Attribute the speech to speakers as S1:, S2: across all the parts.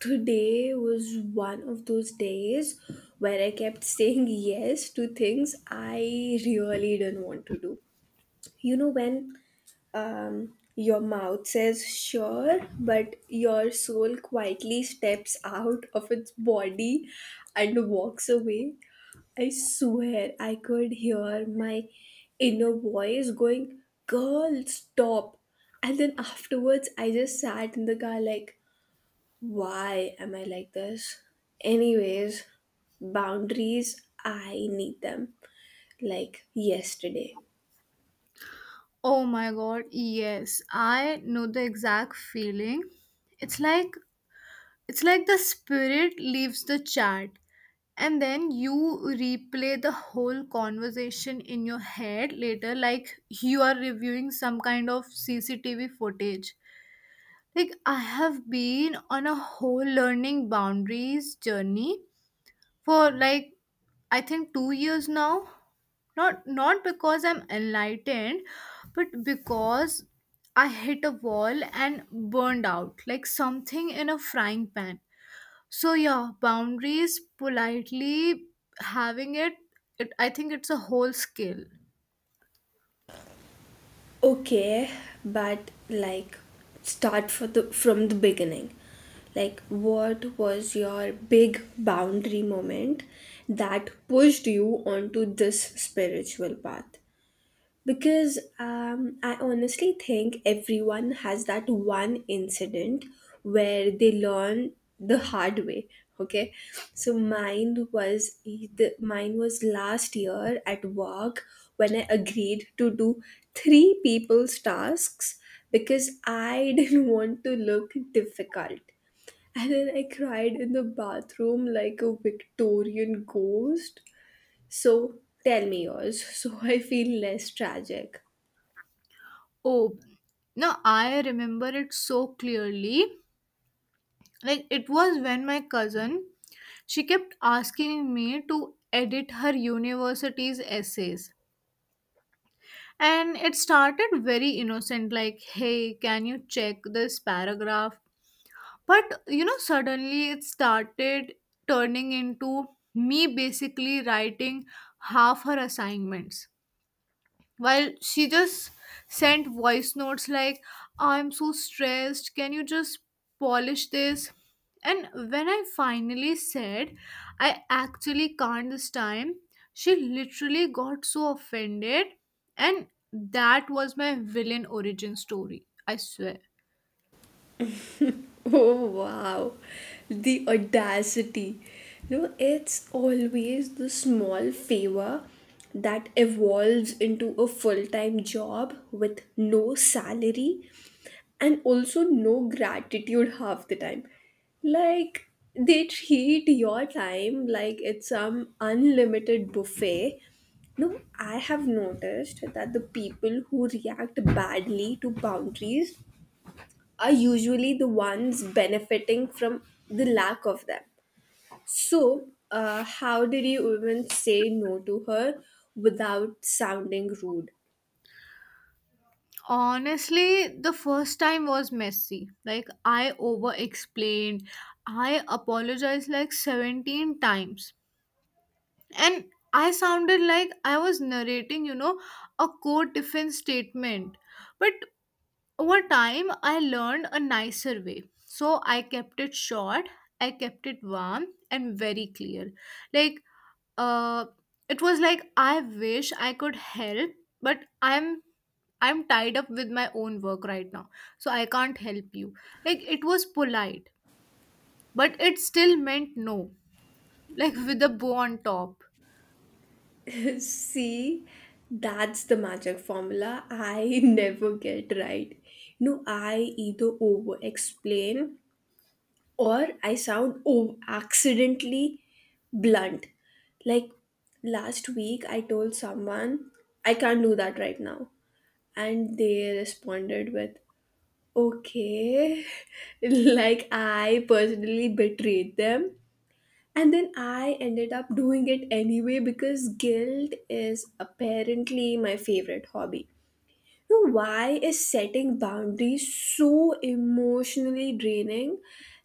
S1: Today was one of those days where I kept saying yes to things I really didn't want to do. When your mouth says sure, but your soul quietly steps out of its body and walks away. I swear I could hear my inner voice going, Girl, stop. And then afterwards, I just sat in the car like, why am I like this? Anyways, boundaries, I need them like yesterday.
S2: Oh my god, yes. I know the exact feeling. It's like it's like the spirit leaves the chat, and then you replay the whole conversation in your head later like you are reviewing some kind of CCTV footage. Like I have been on a whole learning boundaries journey for like I think 2 years now. Not because I'm enlightened, but because I hit a wall and burned out like something in a frying pan. So yeah, boundaries, politely having it, I think it's a whole skill.
S1: Okay, but like start for the from the beginning. Like, what was your big boundary moment that pushed you onto this spiritual path? Because I honestly think everyone has that one incident where they learn the hard way. Okay, so mine was last year at work when I agreed to do three people's tasks because I didn't want to look difficult. And then I cried in the bathroom like a Victorian ghost. So tell me yours, so I feel less tragic.
S2: Oh, no, I remember it so clearly. Like it was when my cousin, she kept asking me to edit her university's essays. And it started very innocent, like, hey, can you check this paragraph? But, you know, suddenly it started turning into me basically writing half her assignments while she just sent voice notes like, I'm so stressed, can you just polish this? And when I finally said I actually can't this time, she literally got so offended. And that was my villain origin story, I swear.
S1: Oh, wow, the audacity. It's always the small favor that evolves into a full time job with no salary and also no gratitude half the time. Like, they treat your time like it's some unlimited buffet. No, I have noticed that the people who react badly to boundaries are usually the ones benefiting from the lack of them. So, how did you even say no to her without sounding rude?
S2: Honestly, the first time was messy. Like I over explained, I apologized like 17 times, and I sounded like I was narrating, you know, a court defense statement. But over time, I learned a nicer way. So I kept it short, I kept it warm and very clear. Like, uh, it was like, I wish I could help, but I'm tied up with my own work right now, so I can't help you. Like, it was polite, but it still meant no, like with a bow on top.
S1: See, that's the magic formula I never get right. No, I either over explain or I sound, accidentally blunt. Like, last week, I told someone I can't do that right now, and they responded with okay, like I personally betrayed them. And then I ended up doing it anyway, because guilt is apparently my favorite hobby. Now, why is setting boundaries so emotionally draining?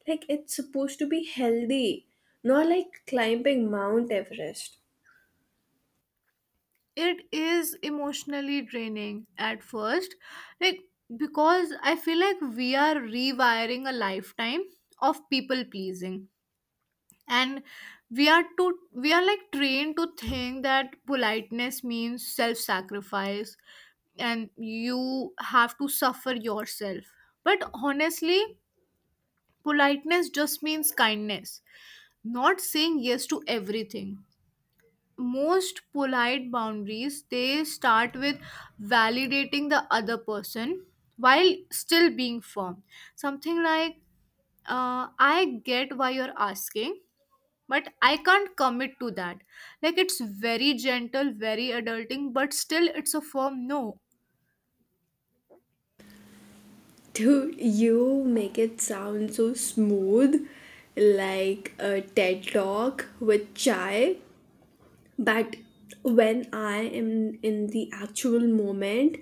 S1: Like, it's supposed to be healthy, not like climbing Mount Everest.
S2: It is emotionally draining at first, like, because I feel like we are rewiring a lifetime of people pleasing. And we are like trained to think that politeness means self sacrifice and you have to suffer yourself. But honestly, politeness just means kindness, not saying yes to everything. Most polite boundaries, they start with validating the other person while still being firm. Something like, I get why you're asking, but I can't commit to that. Like it's very gentle, very adulting, but still it's a firm no.
S1: Dude, you make it sound so smooth, like a TED talk with chai. But when I am in the actual moment,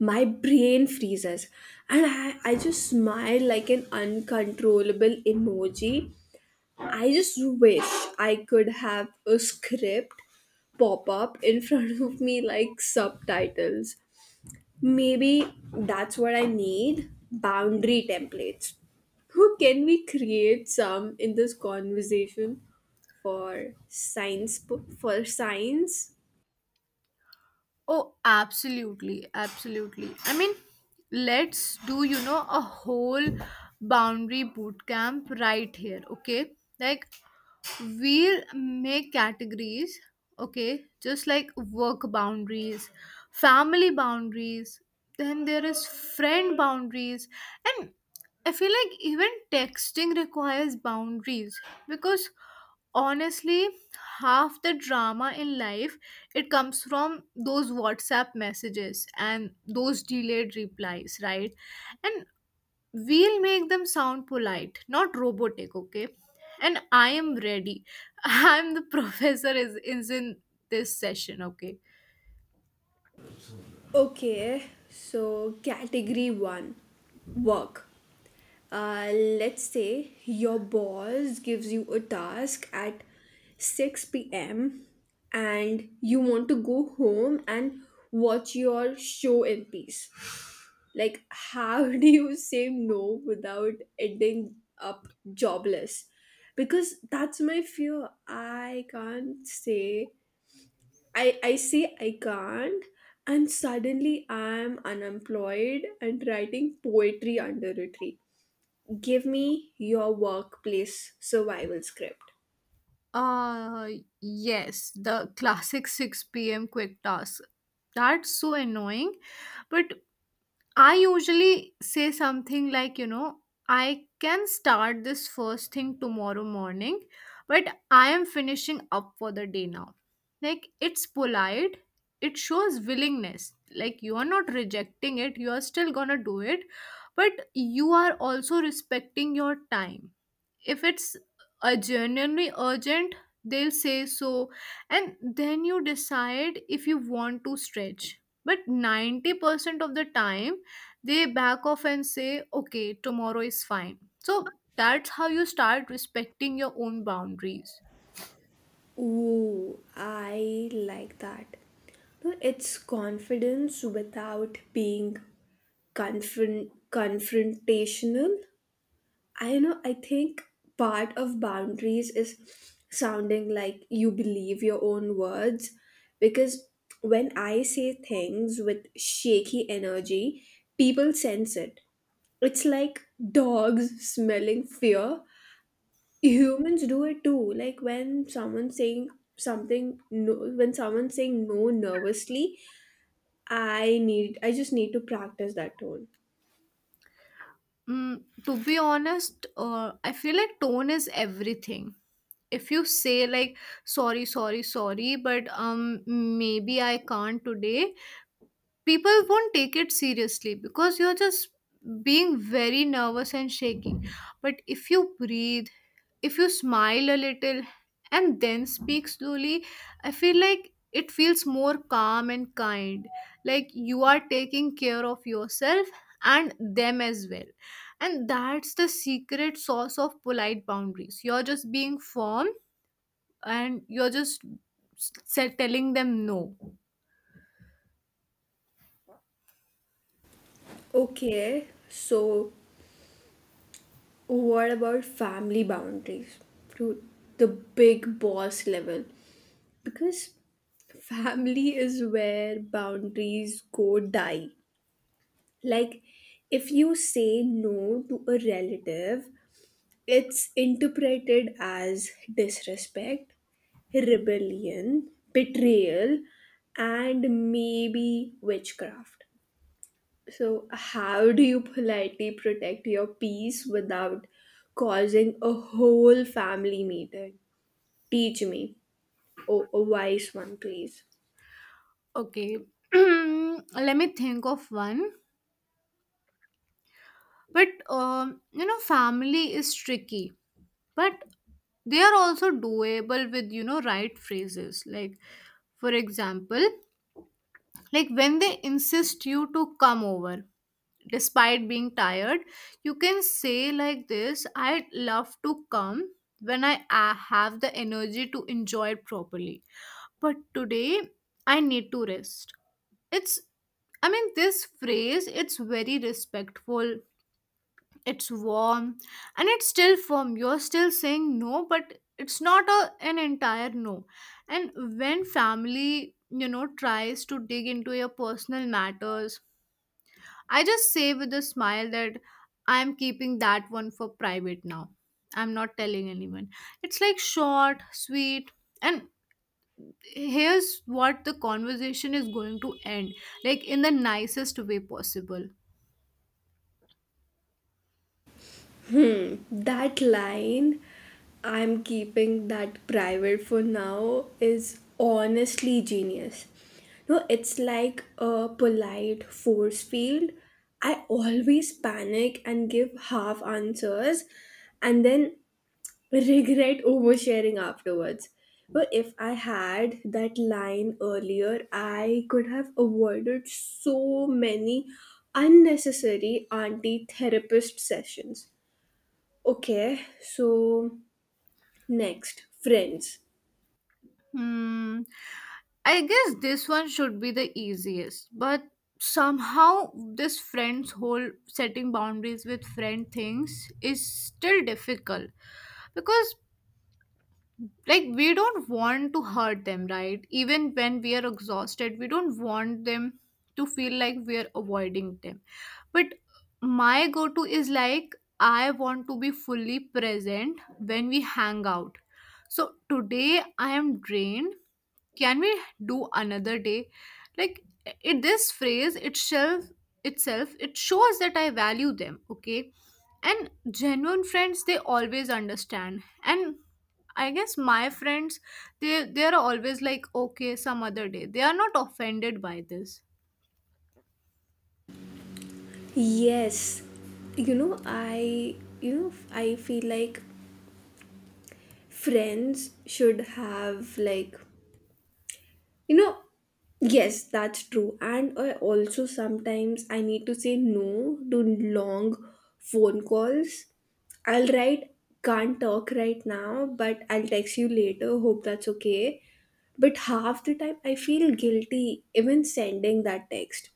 S1: my brain freezes, and I just smile like an uncontrollable emoji. I just wish I could have a script pop up in front of me like subtitles. Maybe that's what I need: boundary templates. Who can we create some in this conversation for science?
S2: Oh, absolutely, absolutely. I mean, let's do, you know, a whole boundary boot camp right here, okay? Like, we'll make categories, okay, just like work boundaries, family boundaries, then there is friend boundaries. And I feel like even texting requires boundaries, because honestly, half the drama in life, it comes from those WhatsApp messages and those delayed replies, right? And we'll make them sound polite, not robotic, okay? And I am ready. I'm the professor is in this session, okay?
S1: Okay, so category one, work. Let's say your boss gives you a task at 6 p.m. and you want to go home and watch your show in peace. Like, how do you say no without ending up jobless? Because that's my fear. I can't say, I say I can't, and suddenly I'm unemployed and writing poetry under a tree. Give me your workplace survival script.
S2: Uh yes, the classic 6 p.m. quick task. That's so annoying, but I usually say something like, you know, I can start this first thing tomorrow morning, but I am finishing up for the day now. Like, it's polite, it shows willingness. Like, you are not rejecting it, you are still gonna do it, but you are also respecting your time. If it's genuinely urgent, they'll say so, and then you decide if you want to stretch. But 90% of the time, they back off and say okay, tomorrow is fine. So that's how you start respecting your own boundaries.
S1: Ooh, I like that. No, it's confidence without being confrontational. I know, I think part of boundaries is sounding like you believe your own words, because when I say things with shaky energy, people sense it. It's like dogs smelling fear. Humans do it too. Like, when someone's saying no nervously, I just need to practice that tone.
S2: Mm, to be honest, I feel like tone is everything. If you say like, sorry but maybe I can't today, people won't take it seriously because you're just being very nervous and shaking. But if you breathe, if you smile a little, and then speak slowly, I feel like it feels more calm and kind. Like you are taking care of yourself and them as well. And that's the secret sauce of polite boundaries. You're just being firm and you're s- telling them no.
S1: Okay, so what about family boundaries, to the big boss level? Because family is where boundaries go die. Like, if you say no to a relative, it's interpreted as disrespect, rebellion, betrayal, and maybe witchcraft. So, how do you politely protect your peace without causing a whole family meeting? Teach me. Oh, a wise one, please.
S2: Okay, let me think of one. But you know, family is tricky, but they are also doable with, you know, right phrases. Like, for example, like when they insist you to come over despite being tired, you can say like this: "I'd love to come when I have the energy to enjoy it properly, but today I need to rest." It's I mean, this phrase, it's very respectful, it's warm, and it's still firm. You're still saying no, but it's not an entire no. And when family, you know, tries to dig into your personal matters, I just say with a smile that I'm keeping that one for private now. I'm not telling anyone. It's like short, sweet, and here's what, the conversation is going to end like in the nicest way possible.
S1: Hmm, that line, I'm keeping that private for now, is honestly genius. No, it's like a polite force field. I always panic and give half answers, and then regret oversharing afterwards. But if I had that line earlier, I could have avoided so many unnecessary anti therapist sessions. Okay, so next, friends.
S2: Hmm. I guess this one should be the easiest, but somehow this friend's whole setting boundaries with friend things is still difficult, because like we don't want to hurt them, right? Even when we are exhausted, we don't want them to feel like we are avoiding them. But my go to is like, I want to be fully present when we hang out. So today I am drained, can we do another day? Like, it this phrase itself, it shows that I value them, okay? And genuine friends, they always understand. And I guess my friends, they are always like okay, some other day, they are not offended by this.
S1: Yes, I feel like friends should have like. You know, yes, that's true. And I also sometimes I need to say no to long phone calls. I'll write, can't talk right now, but I'll text you later. Hope that's okay. But half the time, I feel guilty even sending that text.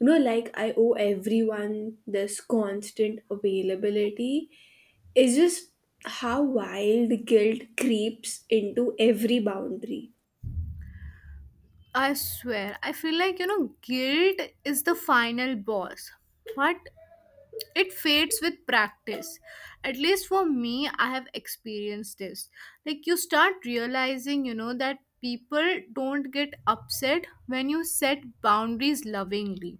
S1: Like, I owe everyone this constant availability. It's just how wild guilt creeps into every boundary.
S2: I swear, I feel like, you know, guilt is the final boss, but it fades with practice. At least for me, I have experienced this. Like you start realizing, you know, that people don't get upset when you set boundaries lovingly.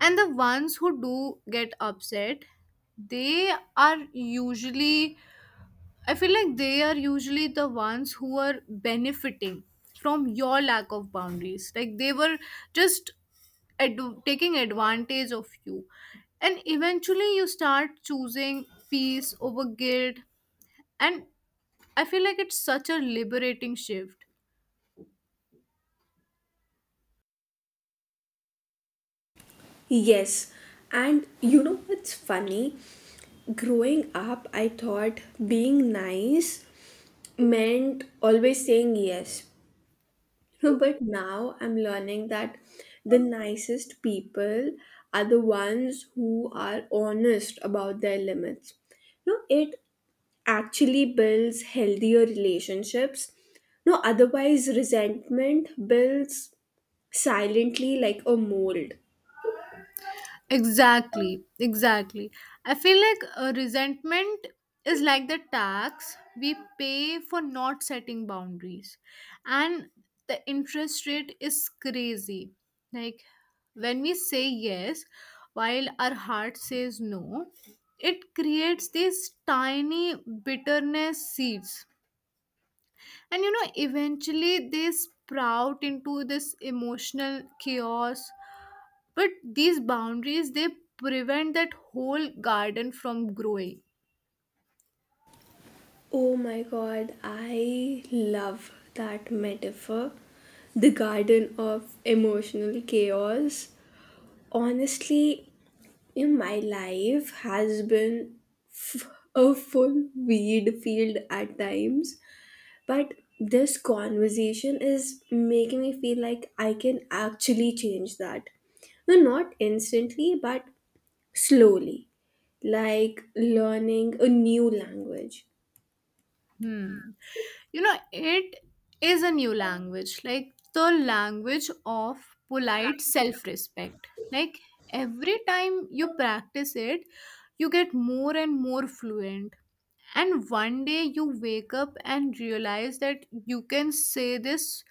S2: And the ones who do get upset, they are usually, I feel like they are usually the ones who are benefiting from your lack of boundaries. Like they were just ad- taking advantage of you. And eventually you start choosing peace over guilt. And I feel like it's such a liberating shift.
S1: Yes, and you know what's funny? Growing up, I thought being nice meant always saying yes. But now I'm learning that the nicest people are the ones who are honest about their limits. It actually builds healthier relationships. No, otherwise, resentment builds silently like a mold.
S2: Exactly, exactly. I feel like a resentment is like the tax we pay for not setting boundaries, and the interest rate is crazy. Like when we say yes while our heart says no, it creates these tiny bitterness seeds, and you know, eventually they sprout into this emotional chaos. But these boundaries, they prevent that whole garden from growing.
S1: Oh my god, I love that metaphor. The garden of emotional chaos. Honestly, my life has been a full weed field at times, but this conversation is making me feel like I can actually change that. No, not instantly, but slowly, like learning a new language.
S2: Hmm. You know, it is a new language, like the language of polite self-respect. Like every time you practice it, you get more and more fluent. And one day you wake up and realize that you can say this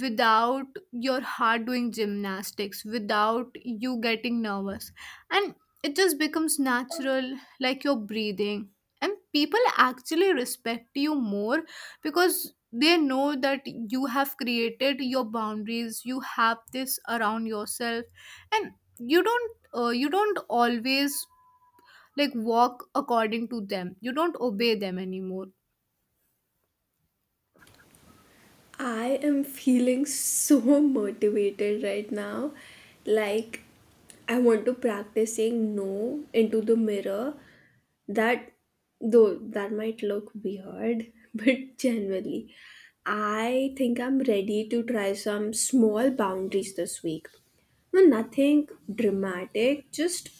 S2: without your heart doing gymnastics, without you getting nervous. And it just becomes natural, like your breathing. And people actually respect you more because they know that you have created your boundaries, you have this around yourself, and you don't always like walk according to them, you don't obey them anymore.
S1: I am feeling so motivated right now. Like, I want to practice saying no into the mirror. That, though, that might look weird, but generally, I think I'm ready to try some small boundaries this week. No, nothing dramatic, just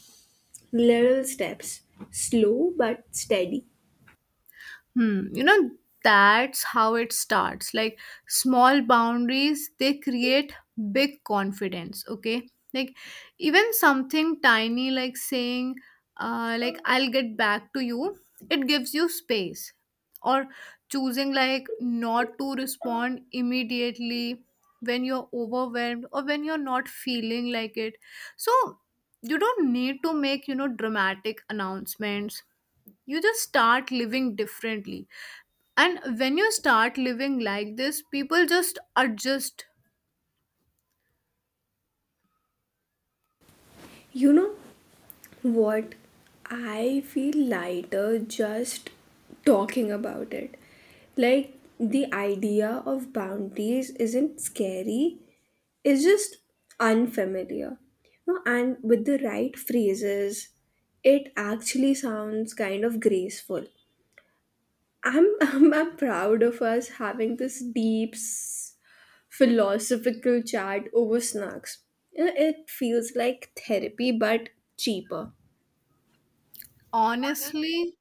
S1: little steps. Slow but steady.
S2: Hmm. You know, that's how it starts. Like small boundaries, they create big confidence. Okay. Like even something tiny, like saying, like, I'll get back to you, it gives you space. Or choosing like not to respond immediately when you're overwhelmed or when you're not feeling like it. So you don't need to make, you know, dramatic announcements, you just start living differently. And when you start living like this, people just adjust.
S1: You know what? I feel lighter just talking about it. Like, the idea of boundaries isn't scary, it's just unfamiliar. No, and with the right phrases, it actually sounds kind of graceful. I'm proud of us having this deep philosophical chat over snacks. It feels like therapy but cheaper.
S2: Honestly,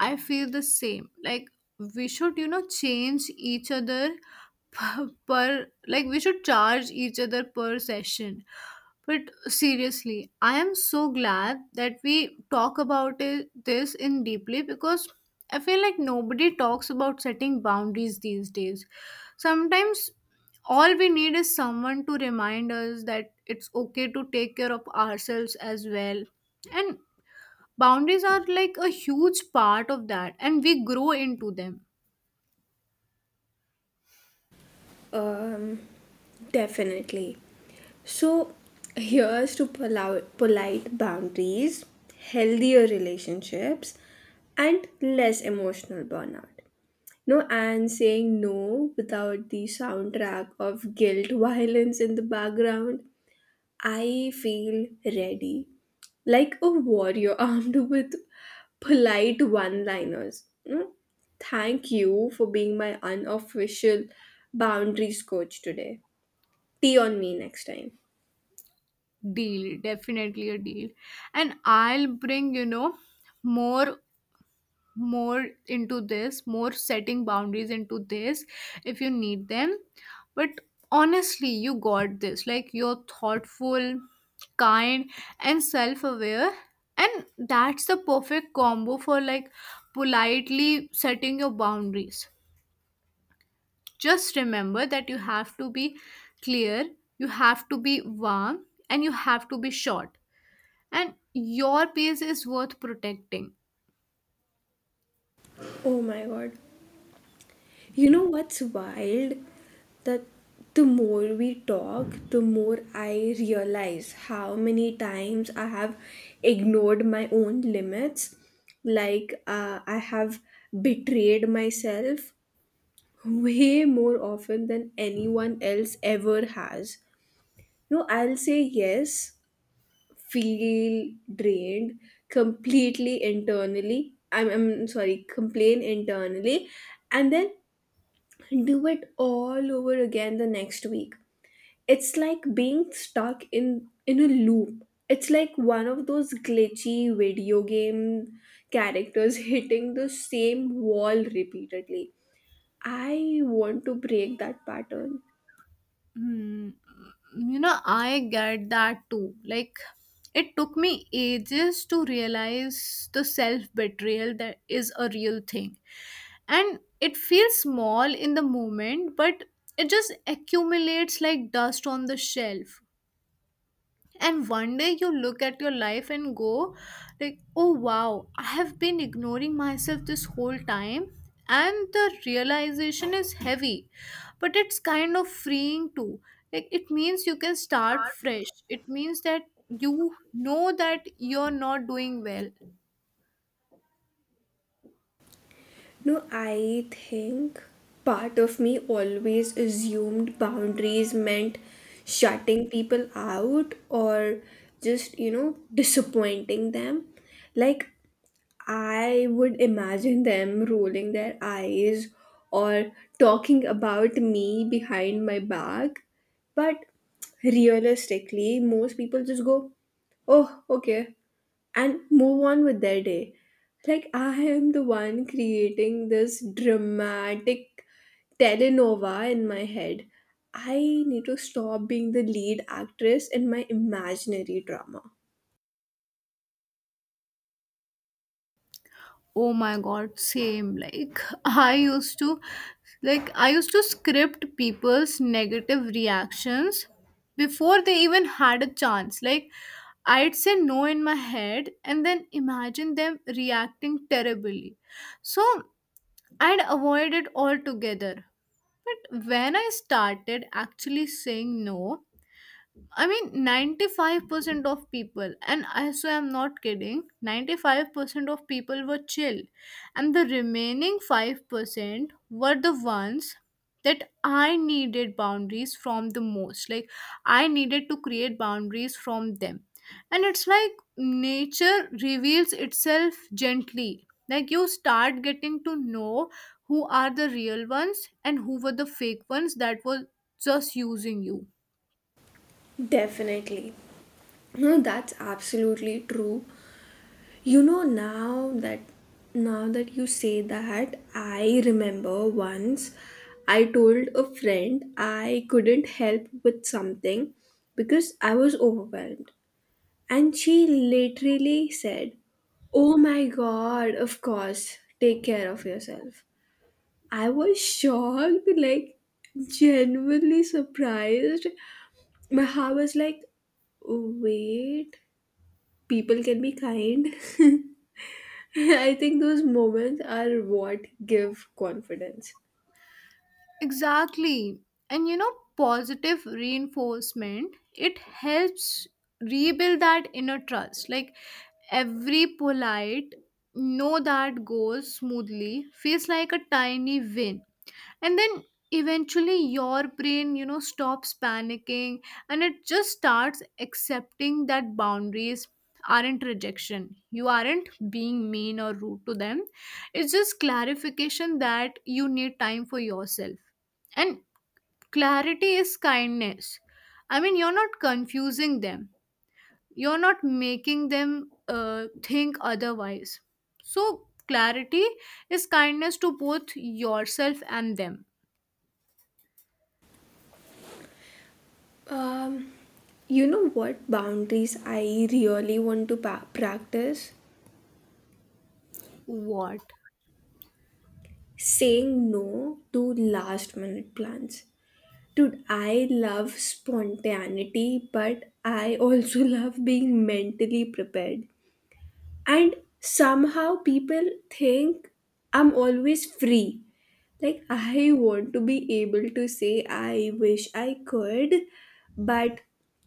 S2: I feel the same. Like we should, you know, change each other per, per like we should charge each other per session. But seriously, I am so glad that we talk about this in deeply, because I feel like nobody talks about setting boundaries these days. Sometimes all we need is someone to remind us that it's okay to take care of ourselves as well. And boundaries are like a huge part of that, and we grow into them.
S1: Um, Definitely. So here's to polite boundaries, healthier relationships, and less emotional burnout. No, and saying no without the soundtrack of guilt violence in the background. I feel ready, like a warrior armed with polite one liners. Thank you for being my unofficial boundaries coach today. Tea on me next time.
S2: Deal, definitely a deal. And I'll bring, you know, more more into this, more setting boundaries into this if you need them. But honestly, you got this, like you're thoughtful, kind, and self-aware, and that's the perfect combo for like politely setting your boundaries. Just remember that you have to be clear, you have to be warm, and you have to be short, and your pace is worth protecting.
S1: Oh my god. You know what's wild? That the more we talk, the more I realize how many times I have ignored my own limits. Like, I have betrayed myself way more often than anyone else ever has. I'll say yes, feel drained completely internally. I'm sorry, complain internally, and then do it all over again the next week. It's like being stuck in a loop. It's like one of those glitchy video game characters hitting the same wall repeatedly. I want to break that pattern.
S2: Hmm, you know, I get that too. Like it took me ages to realize the self betrayal that is a real thing. And it feels small in the moment, but it just accumulates like dust on the shelf. And one day you look at your life and go like, oh wow, I have been ignoring myself this whole time. And the realization is heavy, but it's kind of freeing too. Like it means you can start fresh, it means that you know that you're not doing well.
S1: No, I think part of me always assumed boundaries meant shutting people out or just, disappointing them. Like, I would imagine them rolling their eyes or talking about me behind my back. But realistically, most people just go, oh, okay, and move on with their day. Like, I am the one creating this dramatic telenova in my head. I need to stop being the lead actress in my imaginary drama.
S2: Oh my god, same. Like, I used to script people's negative reactions before they even had a chance. Like, I'd say no in my head and then imagine them reacting terribly. So, I'd avoid it altogether. But when I started actually saying no, I mean, 95% of people, and I so I'm not kidding, 95% of people were chill. And the remaining 5% were the ones that I needed boundaries from the most. Like, I needed to create boundaries from them. And it's like nature reveals itself gently. Like, you start getting to know who are the real ones and who were the fake ones that were just using you.
S1: Definitely. No, that's absolutely true. You know, now that now that you say that, I remember once I told a friend I couldn't help with something because I was overwhelmed. And she literally said, Oh my god, of course, take care of yourself. I was shocked, like, genuinely surprised. My heart was like, Wait, people can be kind. I think those moments are what give confidence.
S2: Exactly. And you know, positive reinforcement, it helps rebuild that inner trust. Like every polite no that goes smoothly feels like a tiny win. And then eventually your brain, you know, stops panicking, and it just starts accepting that boundaries aren't rejection, you aren't being mean or rude to them. It's just clarification that you need time for yourself. And clarity is kindness. I mean, you're not confusing them, you're not making them think otherwise. So clarity is kindness to both yourself and them.
S1: Um, you know what boundaries I really want to practice?
S2: What?
S1: Saying no to last minute plans. Dude, I love spontaneity, but I also love being mentally prepared. And somehow people think I'm always free. Like, I want to be able to say, I wish I could, but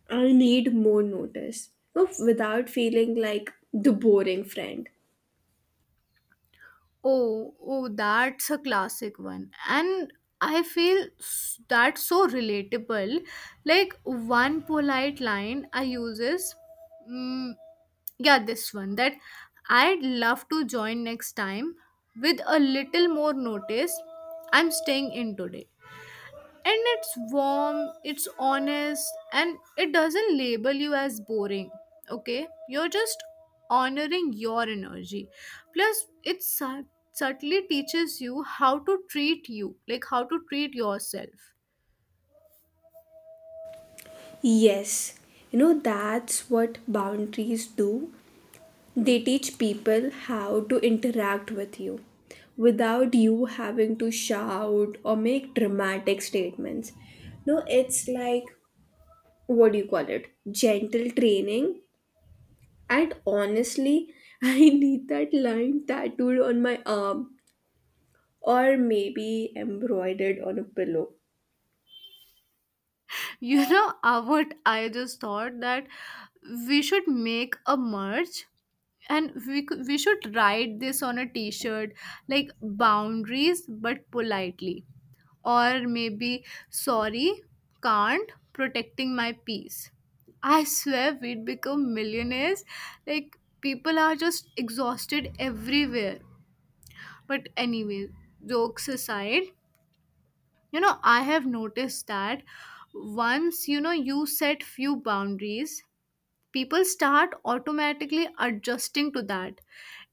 S1: I need more notice. No, without feeling like the boring friend.
S2: Oh, oh, that's a classic one. And I feel that's so relatable. Like one polite line I use is, mm, yeah, this one, that I'd love to join next time with a little more notice. I'm staying in today. And it's warm, it's honest, and it doesn't label you as boring. Okay? You're just honoring your energy. Plus, it subtly teaches you how to treat you, like how to treat yourself.
S1: Yes, that's what boundaries do. They teach people how to interact with you without you having to shout or make dramatic statements. No, it's like, what do you call it? Gentle training. And honestly, I need that line tattooed on my arm or maybe embroidered on a pillow.
S2: You know, what I just thought, that we should make a merch, and we should write this on a t-shirt, like boundaries but politely. Or maybe, sorry, can't, protecting my peace. I swear we'd become millionaires. Like, people are just exhausted everywhere. But anyway, jokes aside, you know, I have noticed that once you know you set few boundaries, people start automatically adjusting to that.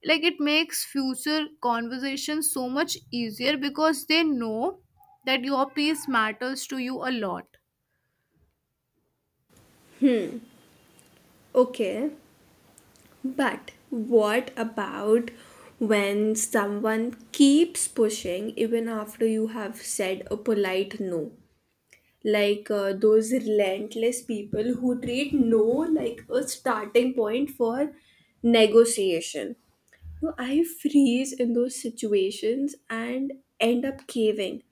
S2: Like it makes future conversations so much easier because they know that your piece matters to you a lot.
S1: Okay, but what about when someone keeps pushing even after you have said a polite no? Like, those relentless people who treat no like a starting point for negotiation. So I freeze in those situations and end up caving.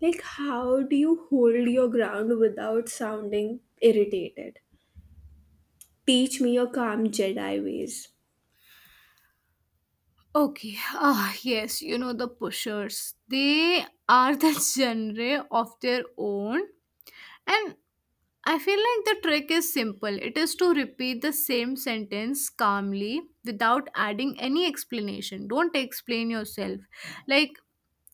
S1: Like, how do you hold your ground without sounding irritated? Teach me your calm Jedi ways.
S2: Okay. Ah yes, you know, the pushers, they are the genre of their own. And I feel like the trick is simple. It is to repeat the same sentence calmly without adding any explanation. Don't explain yourself. Like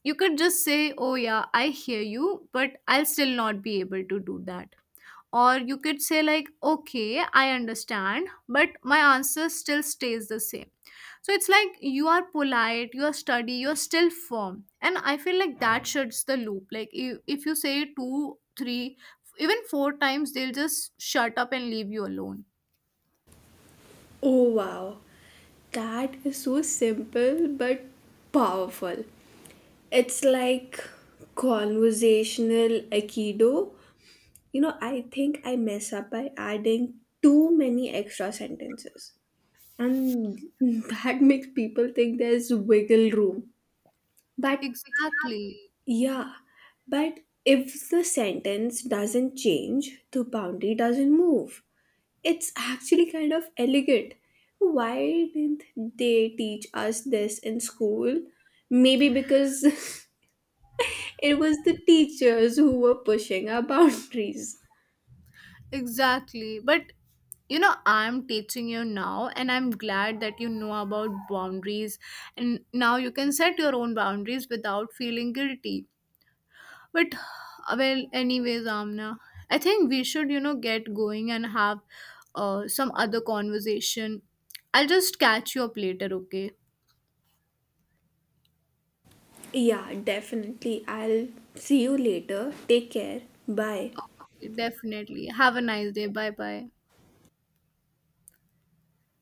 S2: you could just say, oh yeah, I hear you, but I'll still not be able to do that. Or you could say like, okay, I understand, but my answer still stays the same. So it's like you are polite, you are steady, you're still firm. And I feel like that shuts the loop. Like if you say two, three, even four times, they'll just shut up and leave you alone.
S1: Oh, wow. That is so simple but powerful. It's like conversational Aikido. I think I mess up by adding too many extra sentences. And that makes people think there's wiggle room. But
S2: Exactly.
S1: yeah, but if the sentence doesn't change, the boundary doesn't move. It's actually kind of elegant. Why didn't they teach us this in school? Maybe because it was the teachers who were pushing our boundaries.
S2: Exactly. But you know, I'm teaching you now, and I'm glad that you know about boundaries. And now you can set your own boundaries without feeling guilty. But, well, anyways, Amna, I think we should, you know, get going and have some other conversation. I'll just catch you up later, okay?
S1: Yeah, definitely. I'll see you later. Take care. Bye.
S2: Definitely. Have a nice day. Bye bye.